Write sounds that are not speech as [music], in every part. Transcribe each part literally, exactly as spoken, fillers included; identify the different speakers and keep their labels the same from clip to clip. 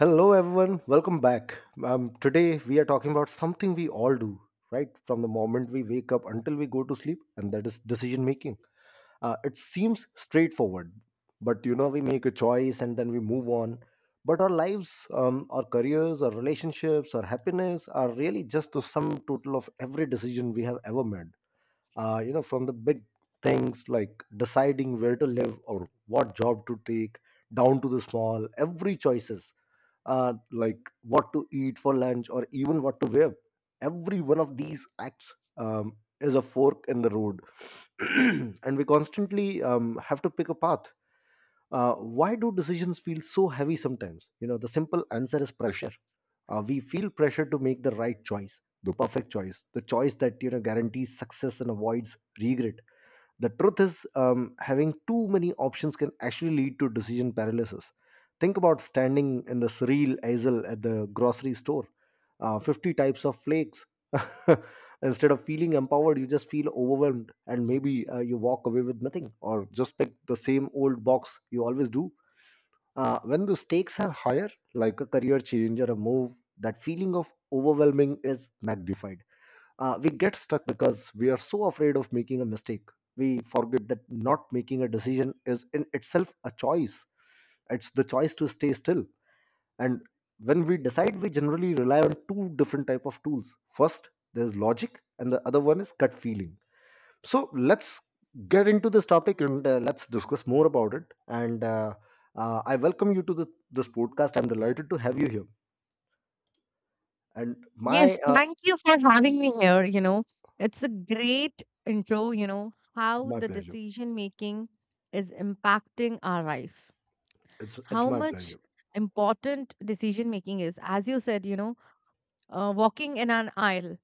Speaker 1: Hello, everyone. Welcome back. Um, today, we are talking about something we all do, right? From the moment we wake up until we go to sleep, and that is decision making. Uh, it seems straightforward, but you know, we make a choice and then we move on. But our lives, um, our careers, our relationships, our happiness are really just the sum total of every decision we have ever made. Uh, you know, from the big things like deciding where to live or what job to take, down to the small, every choices uh, like what to eat for lunch or even what to wear. Every one of these acts um, is a fork in the road, [clears throat] and we constantly um, have to pick a path. Uh, why do decisions feel so heavy sometimes? You know, the simple answer is pressure. Uh, we feel pressure to make the right choice, the perfect choice, the choice that you know guarantees success and avoids regret. The truth is, um, having too many options can actually lead to decision paralysis. Think about standing in the cereal aisle at the grocery store, uh, fifty types of flakes. [laughs] Instead of feeling empowered, you just feel overwhelmed, and maybe uh, you walk away with nothing or just pick the same old box you always do. Uh, when the stakes are higher, like a career change or a move, that feeling of overwhelming is magnified. Uh, we get stuck because we are so afraid of making a mistake. We forget that not making a decision is in itself a choice. It's the choice to stay still. And when we decide, we generally rely on two different type of tools. First, there's logic, and the other one is gut feeling. So let's get into this topic, and uh, let's discuss more about it. And uh, uh, I welcome you to the, this podcast. I'm delighted to have you here. And
Speaker 2: Yes,
Speaker 1: my uh,
Speaker 2: thank you for having me here. You know, it's a great intro, you know, how
Speaker 1: My
Speaker 2: the
Speaker 1: pleasure.
Speaker 2: decision making is impacting our life,
Speaker 1: It's it's
Speaker 2: how
Speaker 1: my
Speaker 2: much
Speaker 1: pleasure.
Speaker 2: important decision making is. As you said, you know, uh, walking in an aisle,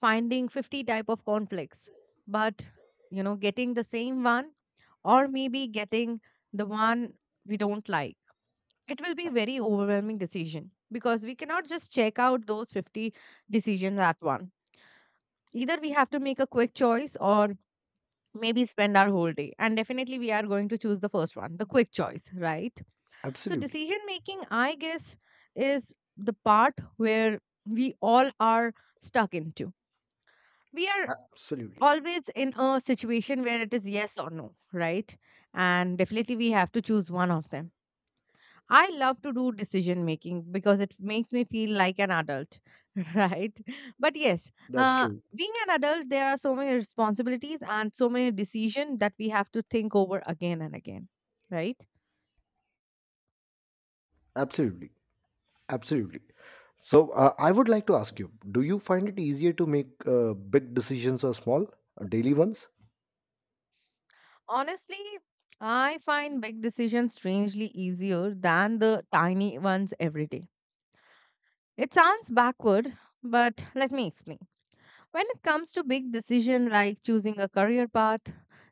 Speaker 2: finding fifty type of conflicts, but, you know, getting the same one or maybe getting the one we don't like. It will be very overwhelming decision because we cannot just check out those fifty decisions at once. Either we have to make a quick choice or maybe spend our whole day. And definitely we are going to choose the first one, the quick choice, right? So
Speaker 1: Absolutely,
Speaker 2: decision making, I guess, is the part where we all are stuck into. We are
Speaker 1: absolutely.
Speaker 2: always in a situation where it is yes or no, right? And definitely we have to choose one of them. I love to do decision making because it makes me feel like an adult, [laughs] right? But yes,
Speaker 1: That's
Speaker 2: uh,
Speaker 1: true.
Speaker 2: being an adult, there are so many responsibilities and so many decisions that we have to think over again and again, right?
Speaker 1: Absolutely. Absolutely. So, uh, I would like to ask you, do you find it easier to make uh, big decisions or small, uh, daily ones?
Speaker 2: Honestly, I find big decisions strangely easier than the tiny ones every day. It sounds backward, but let me explain. When it comes to big decision like choosing a career path,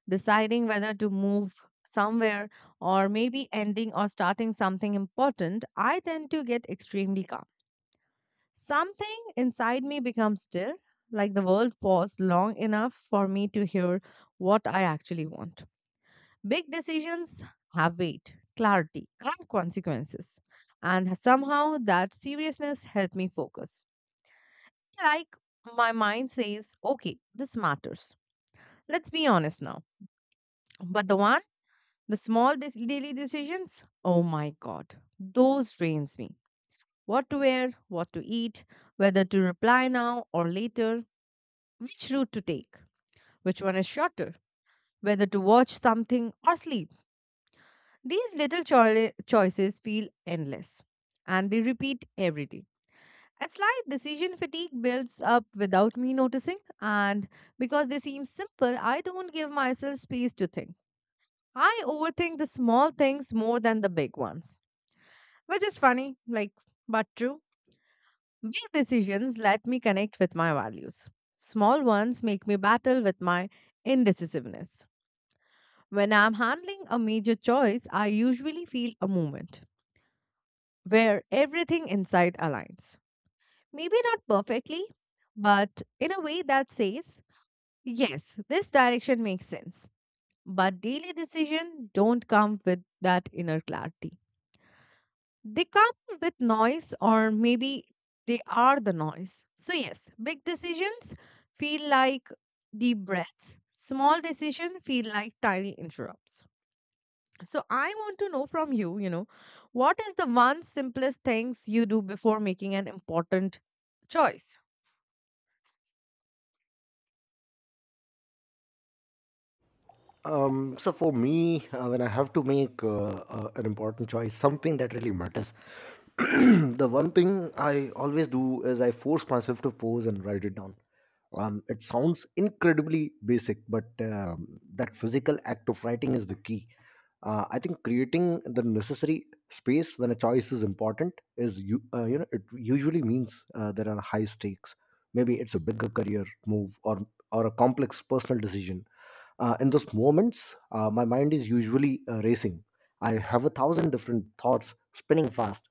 Speaker 2: deciding whether to move somewhere or maybe ending or starting something important, I tend to get extremely calm. Something inside me becomes still, like the world paused long enough for me to hear what I actually want. Big decisions have weight, clarity, and consequences. And somehow that seriousness helped me focus. Like my mind says, okay, this matters. Let's be honest now. But the one, the small dis- daily decisions, oh my God, those drains me. What to wear, what to eat, whether to reply now or later, which route to take, which one is shorter, whether to watch something or sleep. These little choi- choices feel endless and they repeat every day. A slight decision fatigue builds up without me noticing, and because they seem simple, I don't give myself space to think. I overthink the small things more than the big ones, which is funny, like, but true. Big decisions let me connect with my values. Small ones make me battle with my indecisiveness. When I'm handling a major choice, I usually feel a moment where everything inside aligns. Maybe not perfectly, but in a way that says, yes, this direction makes sense. But daily decisions don't come with that inner clarity. They come with noise, or maybe they are the noise. So, yes, big decisions feel like deep breaths, small decisions feel like tiny interrupts. So, I want to know from you, you know, what is the one simplest things you do before making an important choice?
Speaker 1: Um, so for me, uh, when I have to make uh, uh, an important choice, something that really matters, [clears throat] the one thing I always do is I force myself to pose and write it down. Um, it sounds incredibly basic, but um, that physical act of writing is the key. Uh, I think creating the necessary space when a choice is important is you uh, you know it usually means uh, there are high stakes. Maybe it's a bigger career move or or a complex personal decision. Uh, in those moments, uh, my mind is usually uh, racing. I have a thousand different thoughts spinning fast.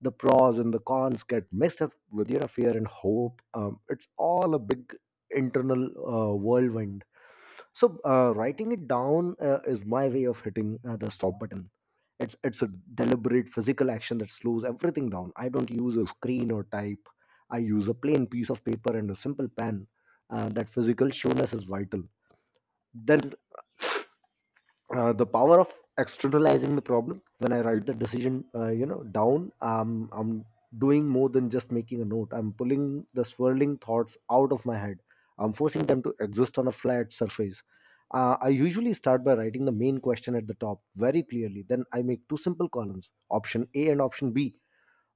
Speaker 1: The pros and the cons get mixed up with you know fear and hope. Um, it's all a big internal uh, whirlwind. So uh, writing it down uh, is my way of hitting uh, the stop button. It's it's a deliberate physical action that slows everything down. I don't use a screen or type. I use a plain piece of paper and a simple pen. Uh, that physical showness is vital. Then uh, the power of externalizing the problem. When I write the decision uh, you know down, um, I'm doing more than just making a note. I'm pulling the swirling thoughts out of my head. I'm forcing them to exist on a flat surface. uh, I usually start by writing the main question at the top very clearly. Then I make two simple columns, option A and option B,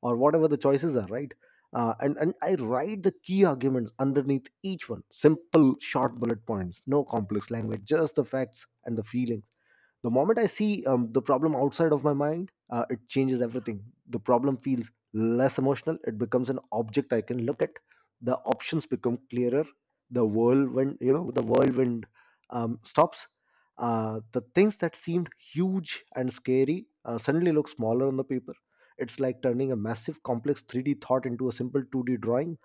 Speaker 1: or whatever the choices are, right? Uh, and and I write the key arguments underneath each one. Simple, short bullet points, no complex language, just the facts and the feeling. The moment I see um, the problem outside of my mind, uh, it changes everything. The problem feels less emotional. It becomes an object I can look at. The options become clearer. The whirlwind, you know, the whirlwind um, stops. Uh, the things that seemed huge and scary uh, suddenly look smaller on the paper. It's like turning a massive, complex three D thought into a simple two D drawing.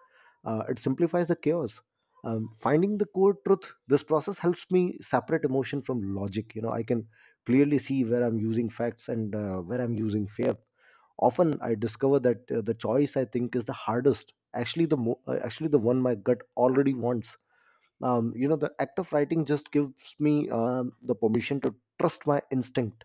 Speaker 1: uh, It simplifies the chaos. Um, finding the core truth, this process helps me separate emotion from logic. You know, I can clearly see where I'm using facts and uh, where I'm using fear. Often, I discover that uh, the choice I think is the hardest, actually the mo- uh, actually the one my gut already wants. Um, you know, the act of writing just gives me um the permission to trust my instinct.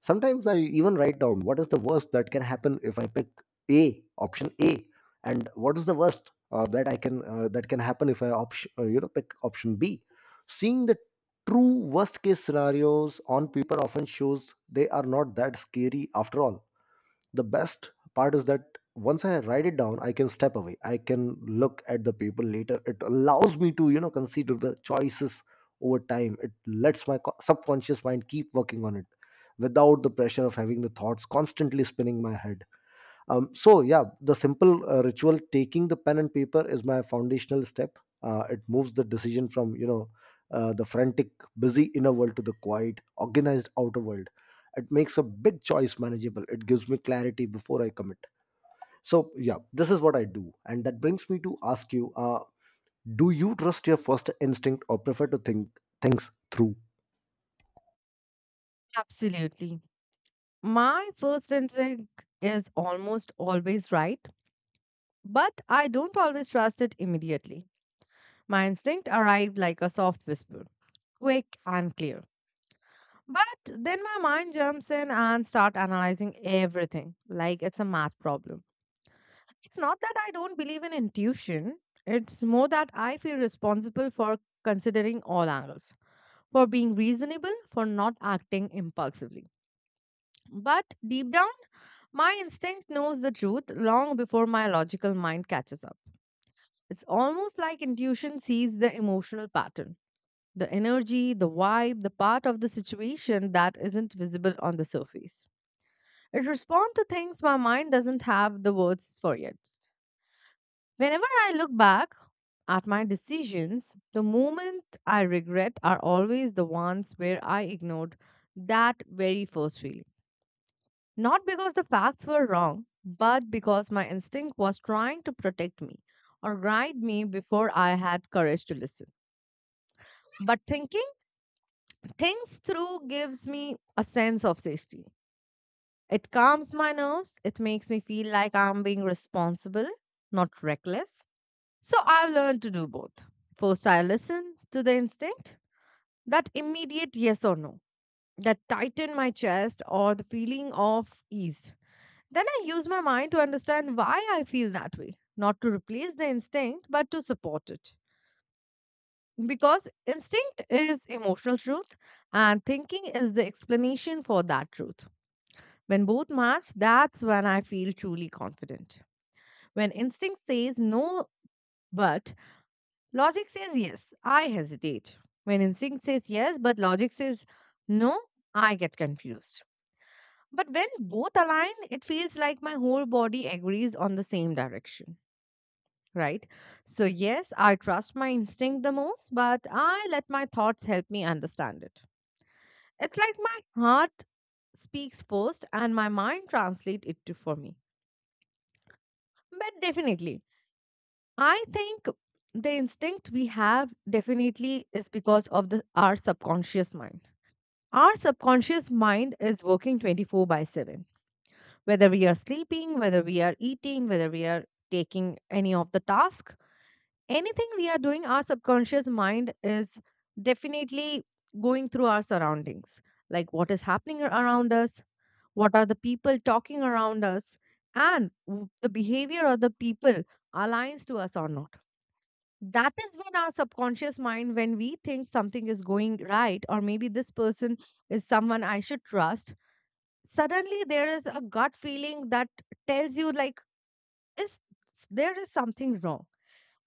Speaker 1: Sometimes I even write down what is the worst that can happen if I pick A option A, and what is the worst uh, that I can uh, that can happen if I option uh, you know pick option B. Seeing the true worst case scenarios on paper often shows they are not that scary after all. The best part is that once I write it down, I can step away. I can look at the paper later. It allows me to you know consider the choices over time. It lets my co- subconscious mind keep working on it without the pressure of having the thoughts constantly spinning my head. Um, so yeah, the simple uh, ritual taking the pen and paper is my foundational step. Uh, it moves the decision from you know uh, the frantic, busy inner world to the quiet, organized outer world. It makes a big choice manageable. It gives me clarity before I commit. So yeah, this is what I do, and that brings me to ask you: uh, do you trust your first instinct or prefer to think things through?
Speaker 2: Absolutely. My first instinct is almost always right, but I don't always trust it immediately. My instinct arrived like a soft whisper, quick and clear. But then my mind jumps in and start analyzing everything like it's a math problem. It's not that I don't believe in intuition. It's more that I feel responsible for considering all angles, for being reasonable, for not acting impulsively. But deep down, my instinct knows the truth long before my logical mind catches up. It's almost like intuition sees the emotional pattern, the energy, the vibe, the part of the situation that isn't visible on the surface. It responds to things my mind doesn't have the words for yet. Whenever I look back at my decisions, the moments I regret are always the ones where I ignored that very first feeling. Not because the facts were wrong, but because my instinct was trying to protect me or guide me before I had courage to listen. But thinking things through gives me a sense of safety. It calms my nerves. It makes me feel like I'm being responsible, not reckless. So I've learned to do both. First, I listen to the instinct, that immediate yes or no, that tighten my chest or the feeling of ease. Then I use my mind to understand why I feel that way, not to replace the instinct, but to support it. Because instinct is emotional truth and thinking is the explanation for that truth. When both match, that's when I feel truly confident. When instinct says no, but logic says yes, I hesitate. When instinct says yes, but logic says no, I get confused. But when both align, it feels like my whole body agrees on the same direction, right? So, yes, I trust my instinct the most, but I let my thoughts help me understand it. It's like my heart speaks first and my mind translates it to for me. But definitely, I think the instinct we have definitely is because of the our subconscious mind. Our subconscious mind is working twenty-four by seven. Whether we are sleeping, whether we are eating, whether we are taking any of the task, anything we are doing, our subconscious mind is definitely going through our surroundings. Like what is happening around us, what are the people talking around us, and w- the behavior of the people aligns to us or not, that is when our subconscious mind, when we think something is going right or maybe this person is someone I should trust, suddenly there is a gut feeling that tells you like, is there is something wrong,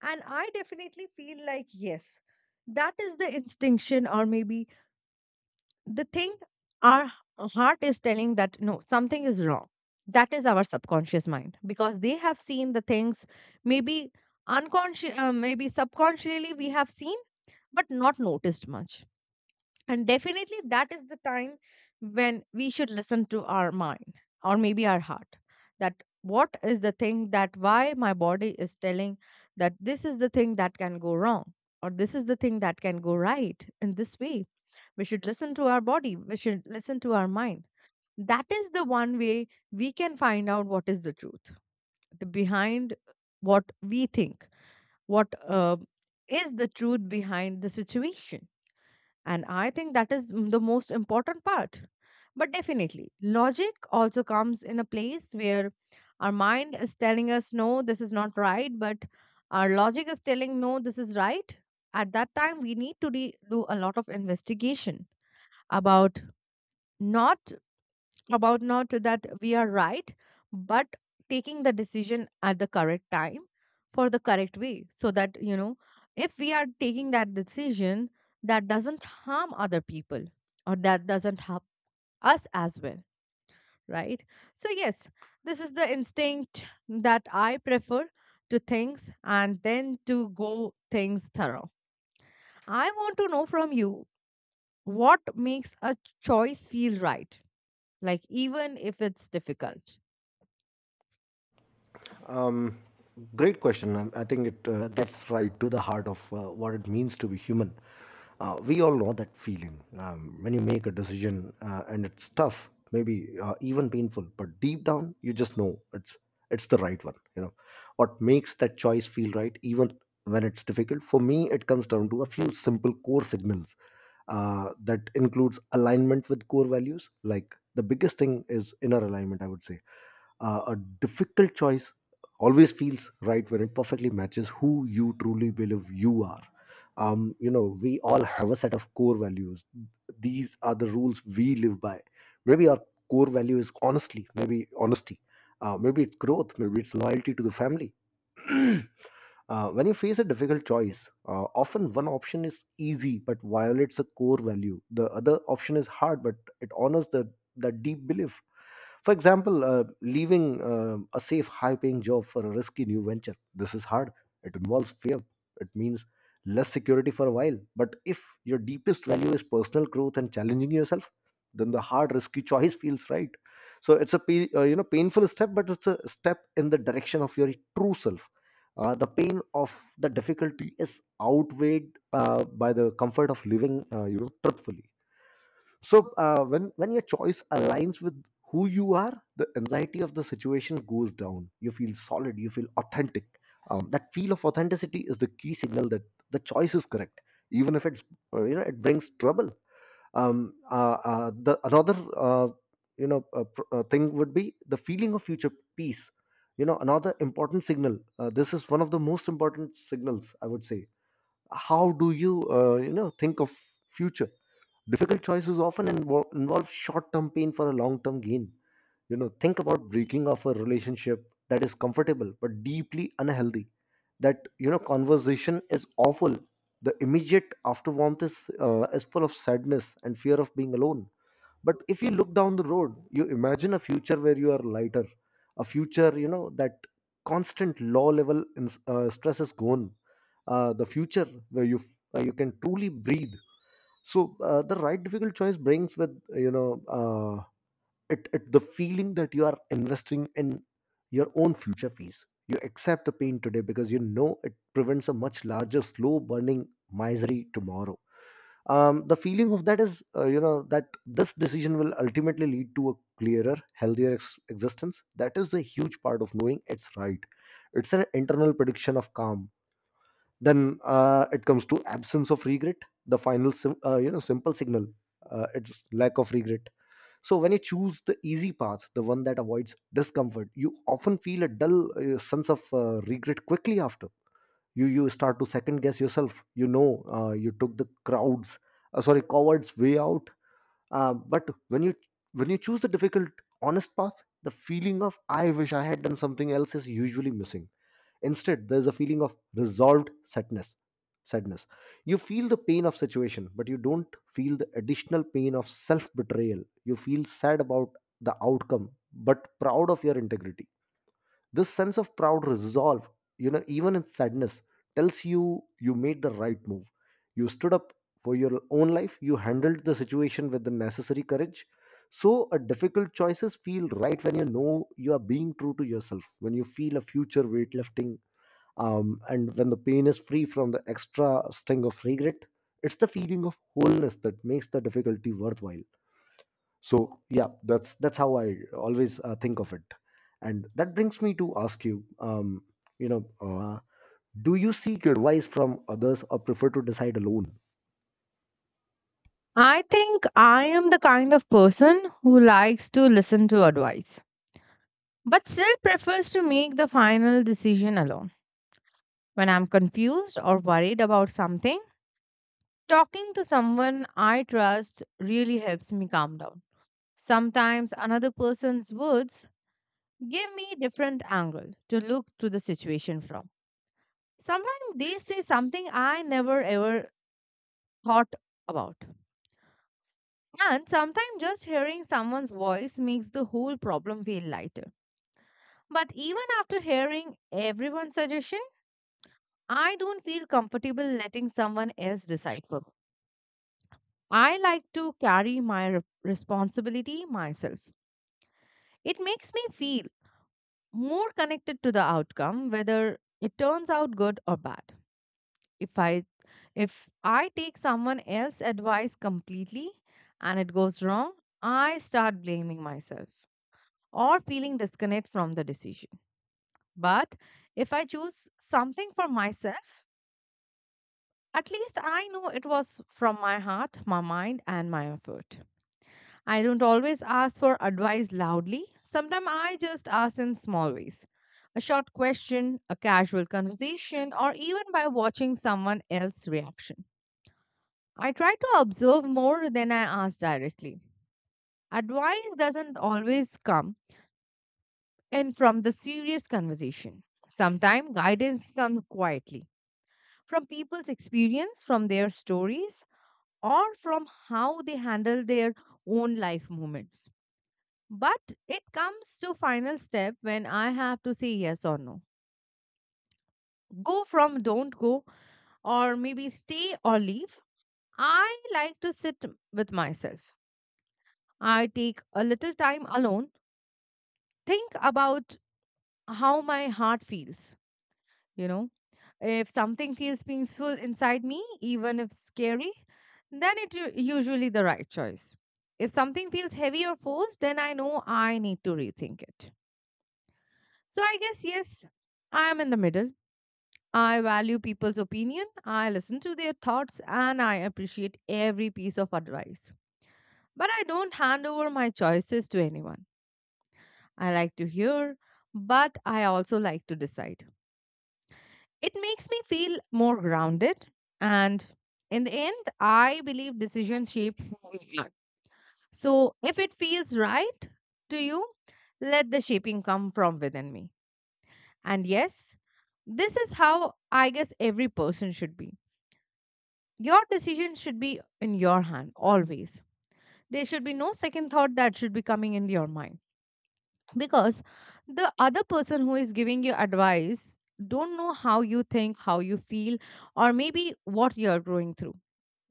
Speaker 2: and I definitely feel like yes, that is the instinction, or maybe the thing, our heart is telling that no, something is wrong. That is our subconscious mind because they have seen the things, maybe unconscious, uh, maybe subconsciously we have seen, but not noticed much. And definitely, that is the time when we should listen to our mind or maybe our heart, that what is the thing, that why my body is telling that this is the thing that can go wrong or this is the thing that can go right in this way. We should listen to our body, we should listen to our mind. That is the one way we can find out what is the truth, the behind what we think, what uh, is the truth behind the situation, and I think that is m- the most important part. But definitely, logic also comes in a place where our mind is telling us, no, this is not right, but our logic is telling, no, this is right. At that time, we need to de- do a lot of investigation about, not about not that we are right, but taking the decision at the correct time for the correct way. So that, you know, if we are taking that decision that doesn't harm other people or that doesn't harm us as well, right? So, yes, this is the instinct that I prefer to things and then to go things thorough. I want to know from you, what makes a choice feel right, like even if it's difficult?
Speaker 1: Um, Great question. I, I think it uh, gets right to the heart of uh, what it means to be human. Uh, we all know that feeling um, when you make a decision uh, and it's tough, maybe uh, even painful, but deep down you just know it's it's the right one. You know what makes that choice feel right, even when it's difficult. For me, it comes down to a few simple core signals. Uh, that includes alignment with core values. Like the biggest thing is inner alignment, I would say. Uh, a difficult choice always feels right when it perfectly matches who you truly believe you are. Um, you know, we all have a set of core values. These are the rules we live by. Maybe our core value is honestly, maybe honesty. Uh, maybe it's growth, maybe it's loyalty to the family. [clears throat] Uh, when you face a difficult choice, uh, often one option is easy but violates a core value. The other option is hard but it honors the, the deep belief. For example, uh, leaving uh, a safe, high paying job for a risky new venture. This is hard. It involves fear. It means less security for a while. But if your deepest value is personal growth and challenging yourself, then the hard, risky choice feels right. So it's a pa- uh, you know painful step, but it's a step in the direction of your true self. Uh, the pain of the difficulty is outweighed uh, by the comfort of living uh, you know truthfully. So uh, when when your choice aligns with who you are, the anxiety of the situation goes down. You feel solid, you feel authentic. Um, that feel of authenticity is the key signal that the choice is correct, even if it's uh, you know it brings trouble. Um, uh, uh, the another uh, you know uh, pr- uh, thing would be the feeling of future peace. You know, another important signal, uh, this is one of the most important signals, I would say. How do you uh, you know think of future? Difficult choices often invo- involve short term pain for a long term gain. You know, think about breaking off a relationship that is comfortable but deeply unhealthy. That you know, conversation is awful. The immediate afterwarmth is uh, is full of sadness and fear of being alone. But if you look down the road, you imagine a future where you are lighter, a future you know that constant low level in, uh, stress is gone, uh, the future where you f- uh, you can truly breathe. So uh, the right difficult choice brings with you know uh, it, it the feeling that you are investing in your own future peace. You accept the pain today because you know it prevents a much larger slow burning misery tomorrow. Um, the feeling of that is uh, you know, that this decision will ultimately lead to a clearer, healthier ex- existence. That is a huge part of knowing it's right. It's an internal prediction of calm. Then uh, it comes to absence of regret, the final sim- uh, you know, simple signal. Uh, it's lack of regret. So when you choose the easy path, the one that avoids discomfort, you often feel a dull uh, sense of uh, regret quickly after. You you start to second guess yourself. You know, uh, you took the crowds, uh, sorry, coward's way out. Uh, but when you, when you choose the difficult, honest path, the feeling of "I wish I had done something else" is usually missing. Instead, there is a feeling of resolved sadness. Sadness. You feel the pain of situation, but you don't feel the additional pain of self-betrayal. You feel sad about the outcome, but proud of your integrity. This sense of proud resolve, you know, even in sadness, tells you you made the right move. You stood up for your own life. You handled the situation with the necessary courage. So, a difficult choices feel right when you know you are being true to yourself, when you feel a future weightlifting, um, and when the pain is free from the extra sting of regret. It's the feeling of wholeness that makes the difficulty worthwhile. So yeah, that's that's how I always uh, think of it. And that brings me to ask you, um, you know uh, do you seek advice from others or prefer to decide alone?
Speaker 2: I think I am the kind of person who likes to listen to advice, but still prefers to make the final decision alone. When I'm confused or worried about something, talking to someone I trust really helps me calm down. Sometimes another person's words give me different angle to look to the situation from. Sometimes they say something I never ever thought about. And sometimes just hearing someone's voice makes the whole problem feel lighter. But even after hearing everyone's suggestion, I don't feel comfortable letting someone else decide for me. I like to carry my re- responsibility myself. It makes me feel more connected to the outcome, whether it turns out good or bad. If i if i take someone else's advice completely and it goes wrong, I start blaming myself or feeling disconnect from the decision. But if I choose something for myself, at least I know it was from my heart, my mind, and my effort. I don't always ask for advice loudly. Sometimes I just ask in small ways. A short question, a casual conversation, or even by watching someone else's reaction. I try to observe more than I ask directly. Advice doesn't always come in from the serious conversation. Sometimes guidance comes quietly from people's experience, from their stories, or from how they handle their own life moments. But it comes to final step when I have to say yes or no. Go from don't go, or maybe stay or leave. I like to sit with myself. I take a little time alone, think about how my heart feels, you know. If something feels peaceful inside me, even if scary, then it u- usually the right choice. If something feels heavy or forced, then I know I need to rethink it. So I guess yes, I am in the middle. I value people's opinion, I listen to their thoughts, and I appreciate every piece of advice. But I don't hand over my choices to anyone. I like to hear, but I also like to decide. It makes me feel more grounded, and in the end, I believe decisions shape who we are. So if it feels right to you, let the shaping come from within me. And yes, this is how I guess every person should be. Your decision should be in your hand always. There should be no second thought that should be coming in your mind, because the other person who is giving you advice don't know how you think, how you feel, or maybe what you're going through.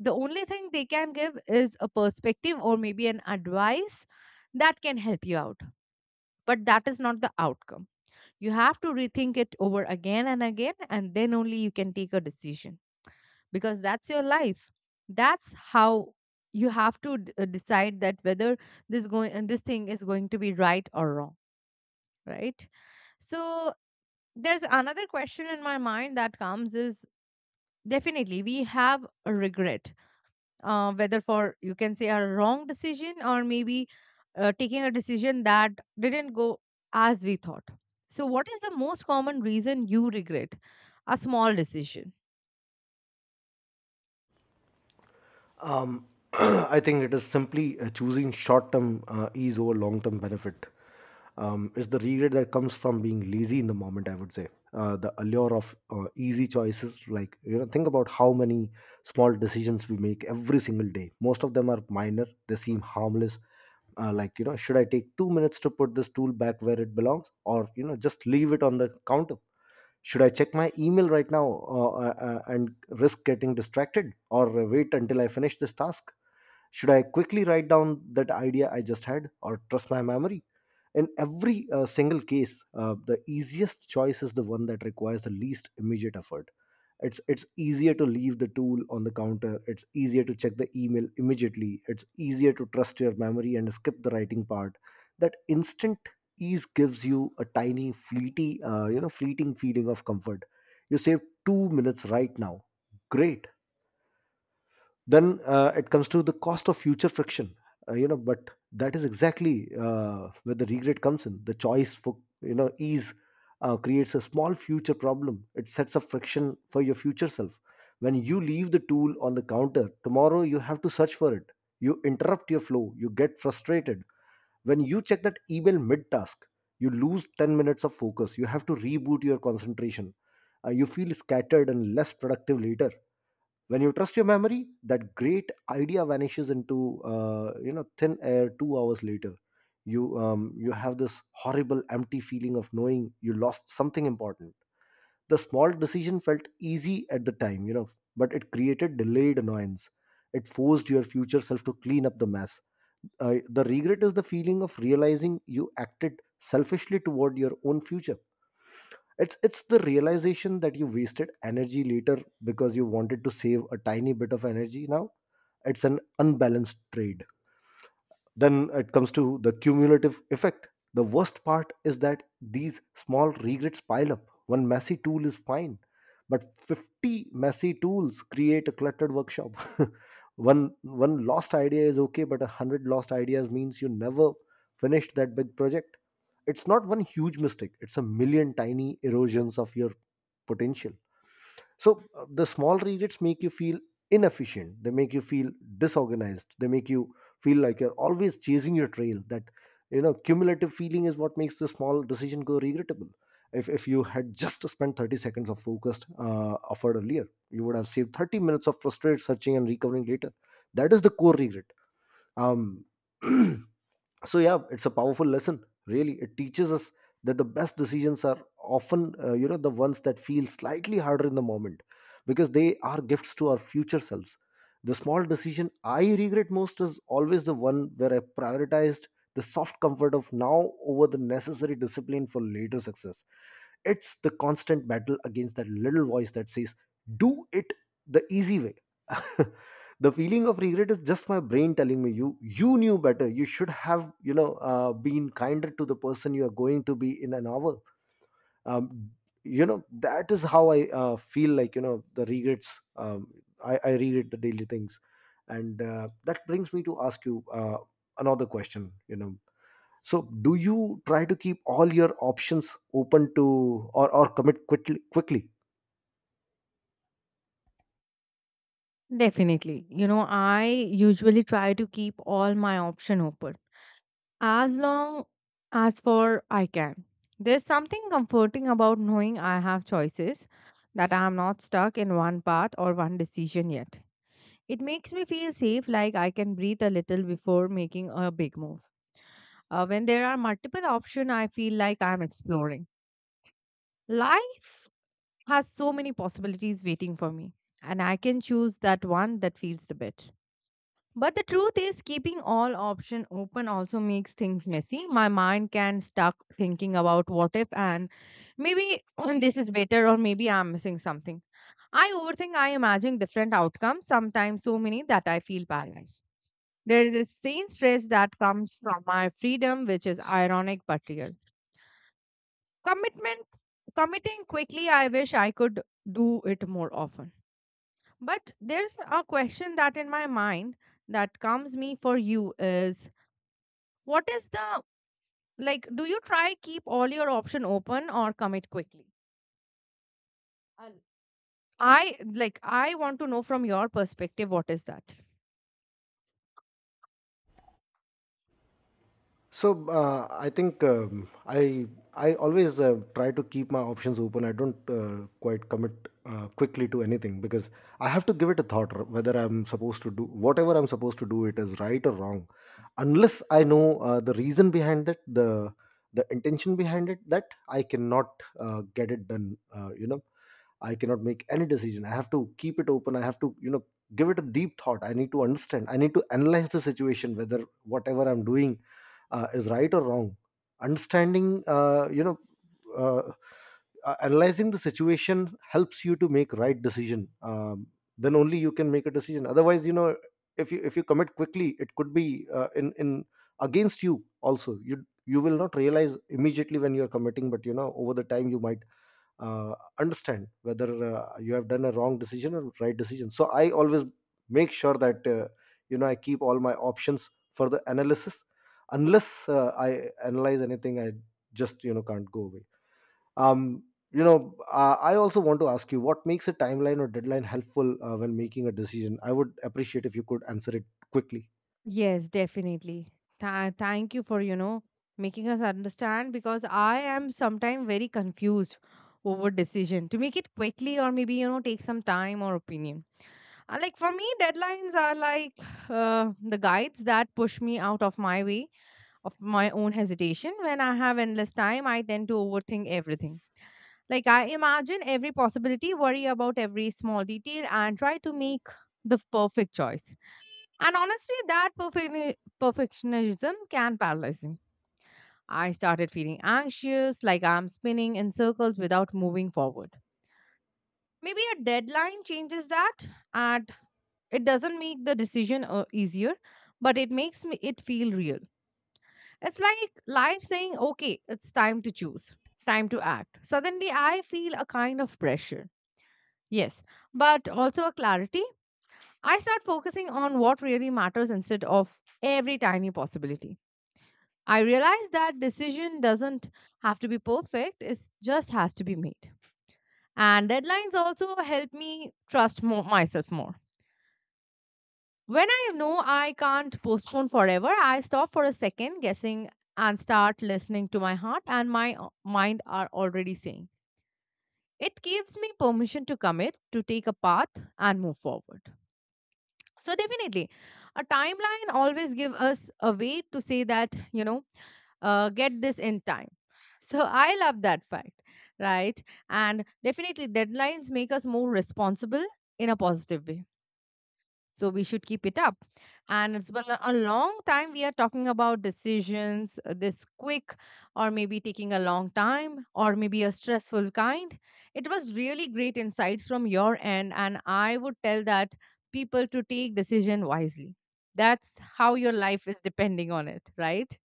Speaker 2: The only thing they can give is a perspective or maybe an advice that can help you out, but that is not the outcome. You have to rethink it over again and again, and then only you can take a decision, because that's your life. That's how you have to d- uh, decide that whether this going and this thing is going to be right or wrong, right? So there's another question in my mind that comes is, definitely we have a regret, uh, whether for you can say a wrong decision or maybe uh, taking a decision that didn't go as we thought. So what is the most common reason you regret a small decision?
Speaker 1: Um, [clears throat] I think it is simply uh, choosing short term uh, ease over long term benefit. Um, it's the regret that comes from being lazy in the moment, I would say. Uh, the allure of uh, easy choices, like, you know, think about how many small decisions we make every single day. Most of them are minor, they seem harmless. Uh, like, you know, should I take two minutes to put this tool back where it belongs, or, you know, just leave it on the counter? Should I check my email right now uh, uh, uh, and risk getting distracted, or uh, wait until I finish this task? Should I quickly write down that idea I just had or trust my memory? In every uh, single case, uh, the easiest choice is the one that requires the least immediate effort. It's, it's easier to leave the tool on the counter. It's easier to check the email immediately. It's easier to trust your memory and skip the writing part. That instant ease gives you a tiny, fleety, uh, you know, fleeting feeling of comfort. You save two minutes right now. Great. Then uh, it comes to the cost of future friction. Uh, you know, but that is exactly uh, where the regret comes in. The choice for, you know, ease uh, creates a small future problem. It sets up friction for your future self. When you leave the tool on the counter, tomorrow you have to search for it. You interrupt your flow, you get frustrated. When you check that email mid task, you lose ten minutes of focus. You have to reboot your concentration. Uh, you feel scattered and less productive later. When you trust your memory, that great idea vanishes into uh, you know, thin air two hours later. You um, you have this horrible empty feeling of knowing you lost something important. The small decision felt easy at the time, you know, but it created delayed annoyance. It forced your future self to clean up the mess. uh, the regret is the feeling of realizing you acted selfishly toward your own future. It's it's the realization that you wasted energy later because you wanted to save a tiny bit of energy now. It's an unbalanced trade. Then it comes to the cumulative effect. The worst part is that these small regrets pile up. One messy tool is fine, but fifty messy tools create a cluttered workshop. [laughs] one one lost idea is okay, but a hundred lost ideas means you never finished that big project. It's not one huge mistake, it's a million tiny erosions of your potential. So uh, the small regrets make you feel inefficient. They make you feel disorganized. They make you feel like you're always chasing your trail. That, you know, cumulative feeling is what makes the small decision go regrettable. if, if you had just spent thirty seconds of focused uh, effort earlier, you would have saved thirty minutes of frustrated searching and recovering later. That is the core regret. um [clears throat] so yeah, it's a powerful lesson, really. It teaches us that the best decisions are often uh, you know, the ones that feel slightly harder in the moment, because they are gifts to our future selves. The small decision I regret most is always the one where I prioritized the soft comfort of now over the necessary discipline for later success. It's the constant battle against that little voice that says do it the easy way. [laughs] The feeling of regret is just my brain telling me you you knew better. You should have, you know, uh, been kinder to the person you are going to be in an hour. um, you know, that is how I uh, feel like, you know, the regrets. um, I, I regret the daily things. And uh, that brings me to ask you, uh, another question, you know, so do you try to keep all your options open to, or or commit quickly quickly
Speaker 2: Definitely. You know, I usually try to keep all my option open as long as for I can. There's something comforting about knowing I have choices, that I am not stuck in one path or one decision yet. It makes me feel safe, like I can breathe a little before making a big move. Uh, when there are multiple options, I feel like I'm exploring. Life has so many possibilities waiting for me, and I can choose that one that feels the best. But the truth is, keeping all options open also makes things messy. My mind can stuck thinking about what if, and maybe [clears throat] this is better or maybe I'm missing something. I overthink. I imagine different outcomes. Sometimes so many that I feel paralyzed. There is a same stress that comes from my freedom, which is ironic but real. Commitment, committing quickly. I wish I could do it more often. But there's a question that in my mind that comes me for you is, what is the, like, do you try keep all your option open or commit quickly? I'll- I like I want to know from your perspective what is that?
Speaker 1: So uh, I think um, I I always uh, try to keep my options open. I don't uh, quite commit uh, quickly to anything, because I have to give it a thought r- whether I'm supposed to do whatever I'm supposed to do. It is right or wrong, unless I know uh, the reason behind it, the the intention behind it. That I cannot uh, get it done. Uh, you know, I cannot make any decision. I have to keep it open. I have to, you know, give it a deep thought. I need to understand, I need to analyze the situation, whether whatever I'm doing uh, is right or wrong. Understanding, uh, you know, uh, uh, analyzing the situation helps you to make right decision. Um, then only you can make a decision. Otherwise, you know, if you, if you commit quickly, it could be uh, in in against you also. You you will not realize immediately when you are committing, but you know, over the time you might uh, understand whether uh, you have done a wrong decision or right decision. So I always make sure that, uh, you know, I keep all my options for the analysis. Unless uh, I analyze anything, I just, you know, can't go away. um you know, uh, I also want to ask you, what makes a timeline or deadline helpful uh, when making a decision? I would appreciate if you could answer it quickly.
Speaker 2: Yes, definitely. Tha- thank you for, you know, making us understand, because I am sometimes very confused over decision to make it quickly or maybe, you know, take some time or opinion. Uh, Like for me, deadlines are like uh, the guides that push me out of my way of my own hesitation. When I have endless time, I tend to overthink everything. Like, I imagine every possibility, worry about every small detail, and try to make the perfect choice. And honestly, that perfect perfectionism can paralyze me. I started feeling anxious, like I'm spinning in circles without moving forward. Maybe a deadline changes that, and it doesn't make the decision uh, easier, but it makes me it feel real. It's like life saying, "Okay, it's time to choose, time to act." Suddenly, I feel a kind of pressure. Yes, but also a clarity. I start focusing on what really matters instead of every tiny possibility. I realize that decision doesn't have to be perfect, it just has to be made. And deadlines also help me trust more, myself more. When I know I can't postpone forever, I stop for a second guessing and start listening to my heart and my uh, mind are already saying. It gives me permission to commit, to take a path and move forward. So definitely, a timeline always give us a way to say that, you know, uh, get this in time. So I love that fact, right? and definitely deadlines make us more responsible in a positive way, so we should keep it up. And it's been a long time we are talking about decisions, uh, this quick, or maybe taking a long time, or maybe a stressful kind. It was really great insights from your end. And I would tell that people to take decision wisely. That's how your life is depending on it, right?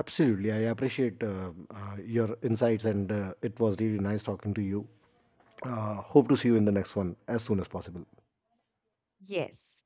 Speaker 1: Absolutely, I appreciate uh, uh, your insights and uh, it was really nice talking to you. Uh, hope to see you in the next one as soon as possible.
Speaker 2: Yes.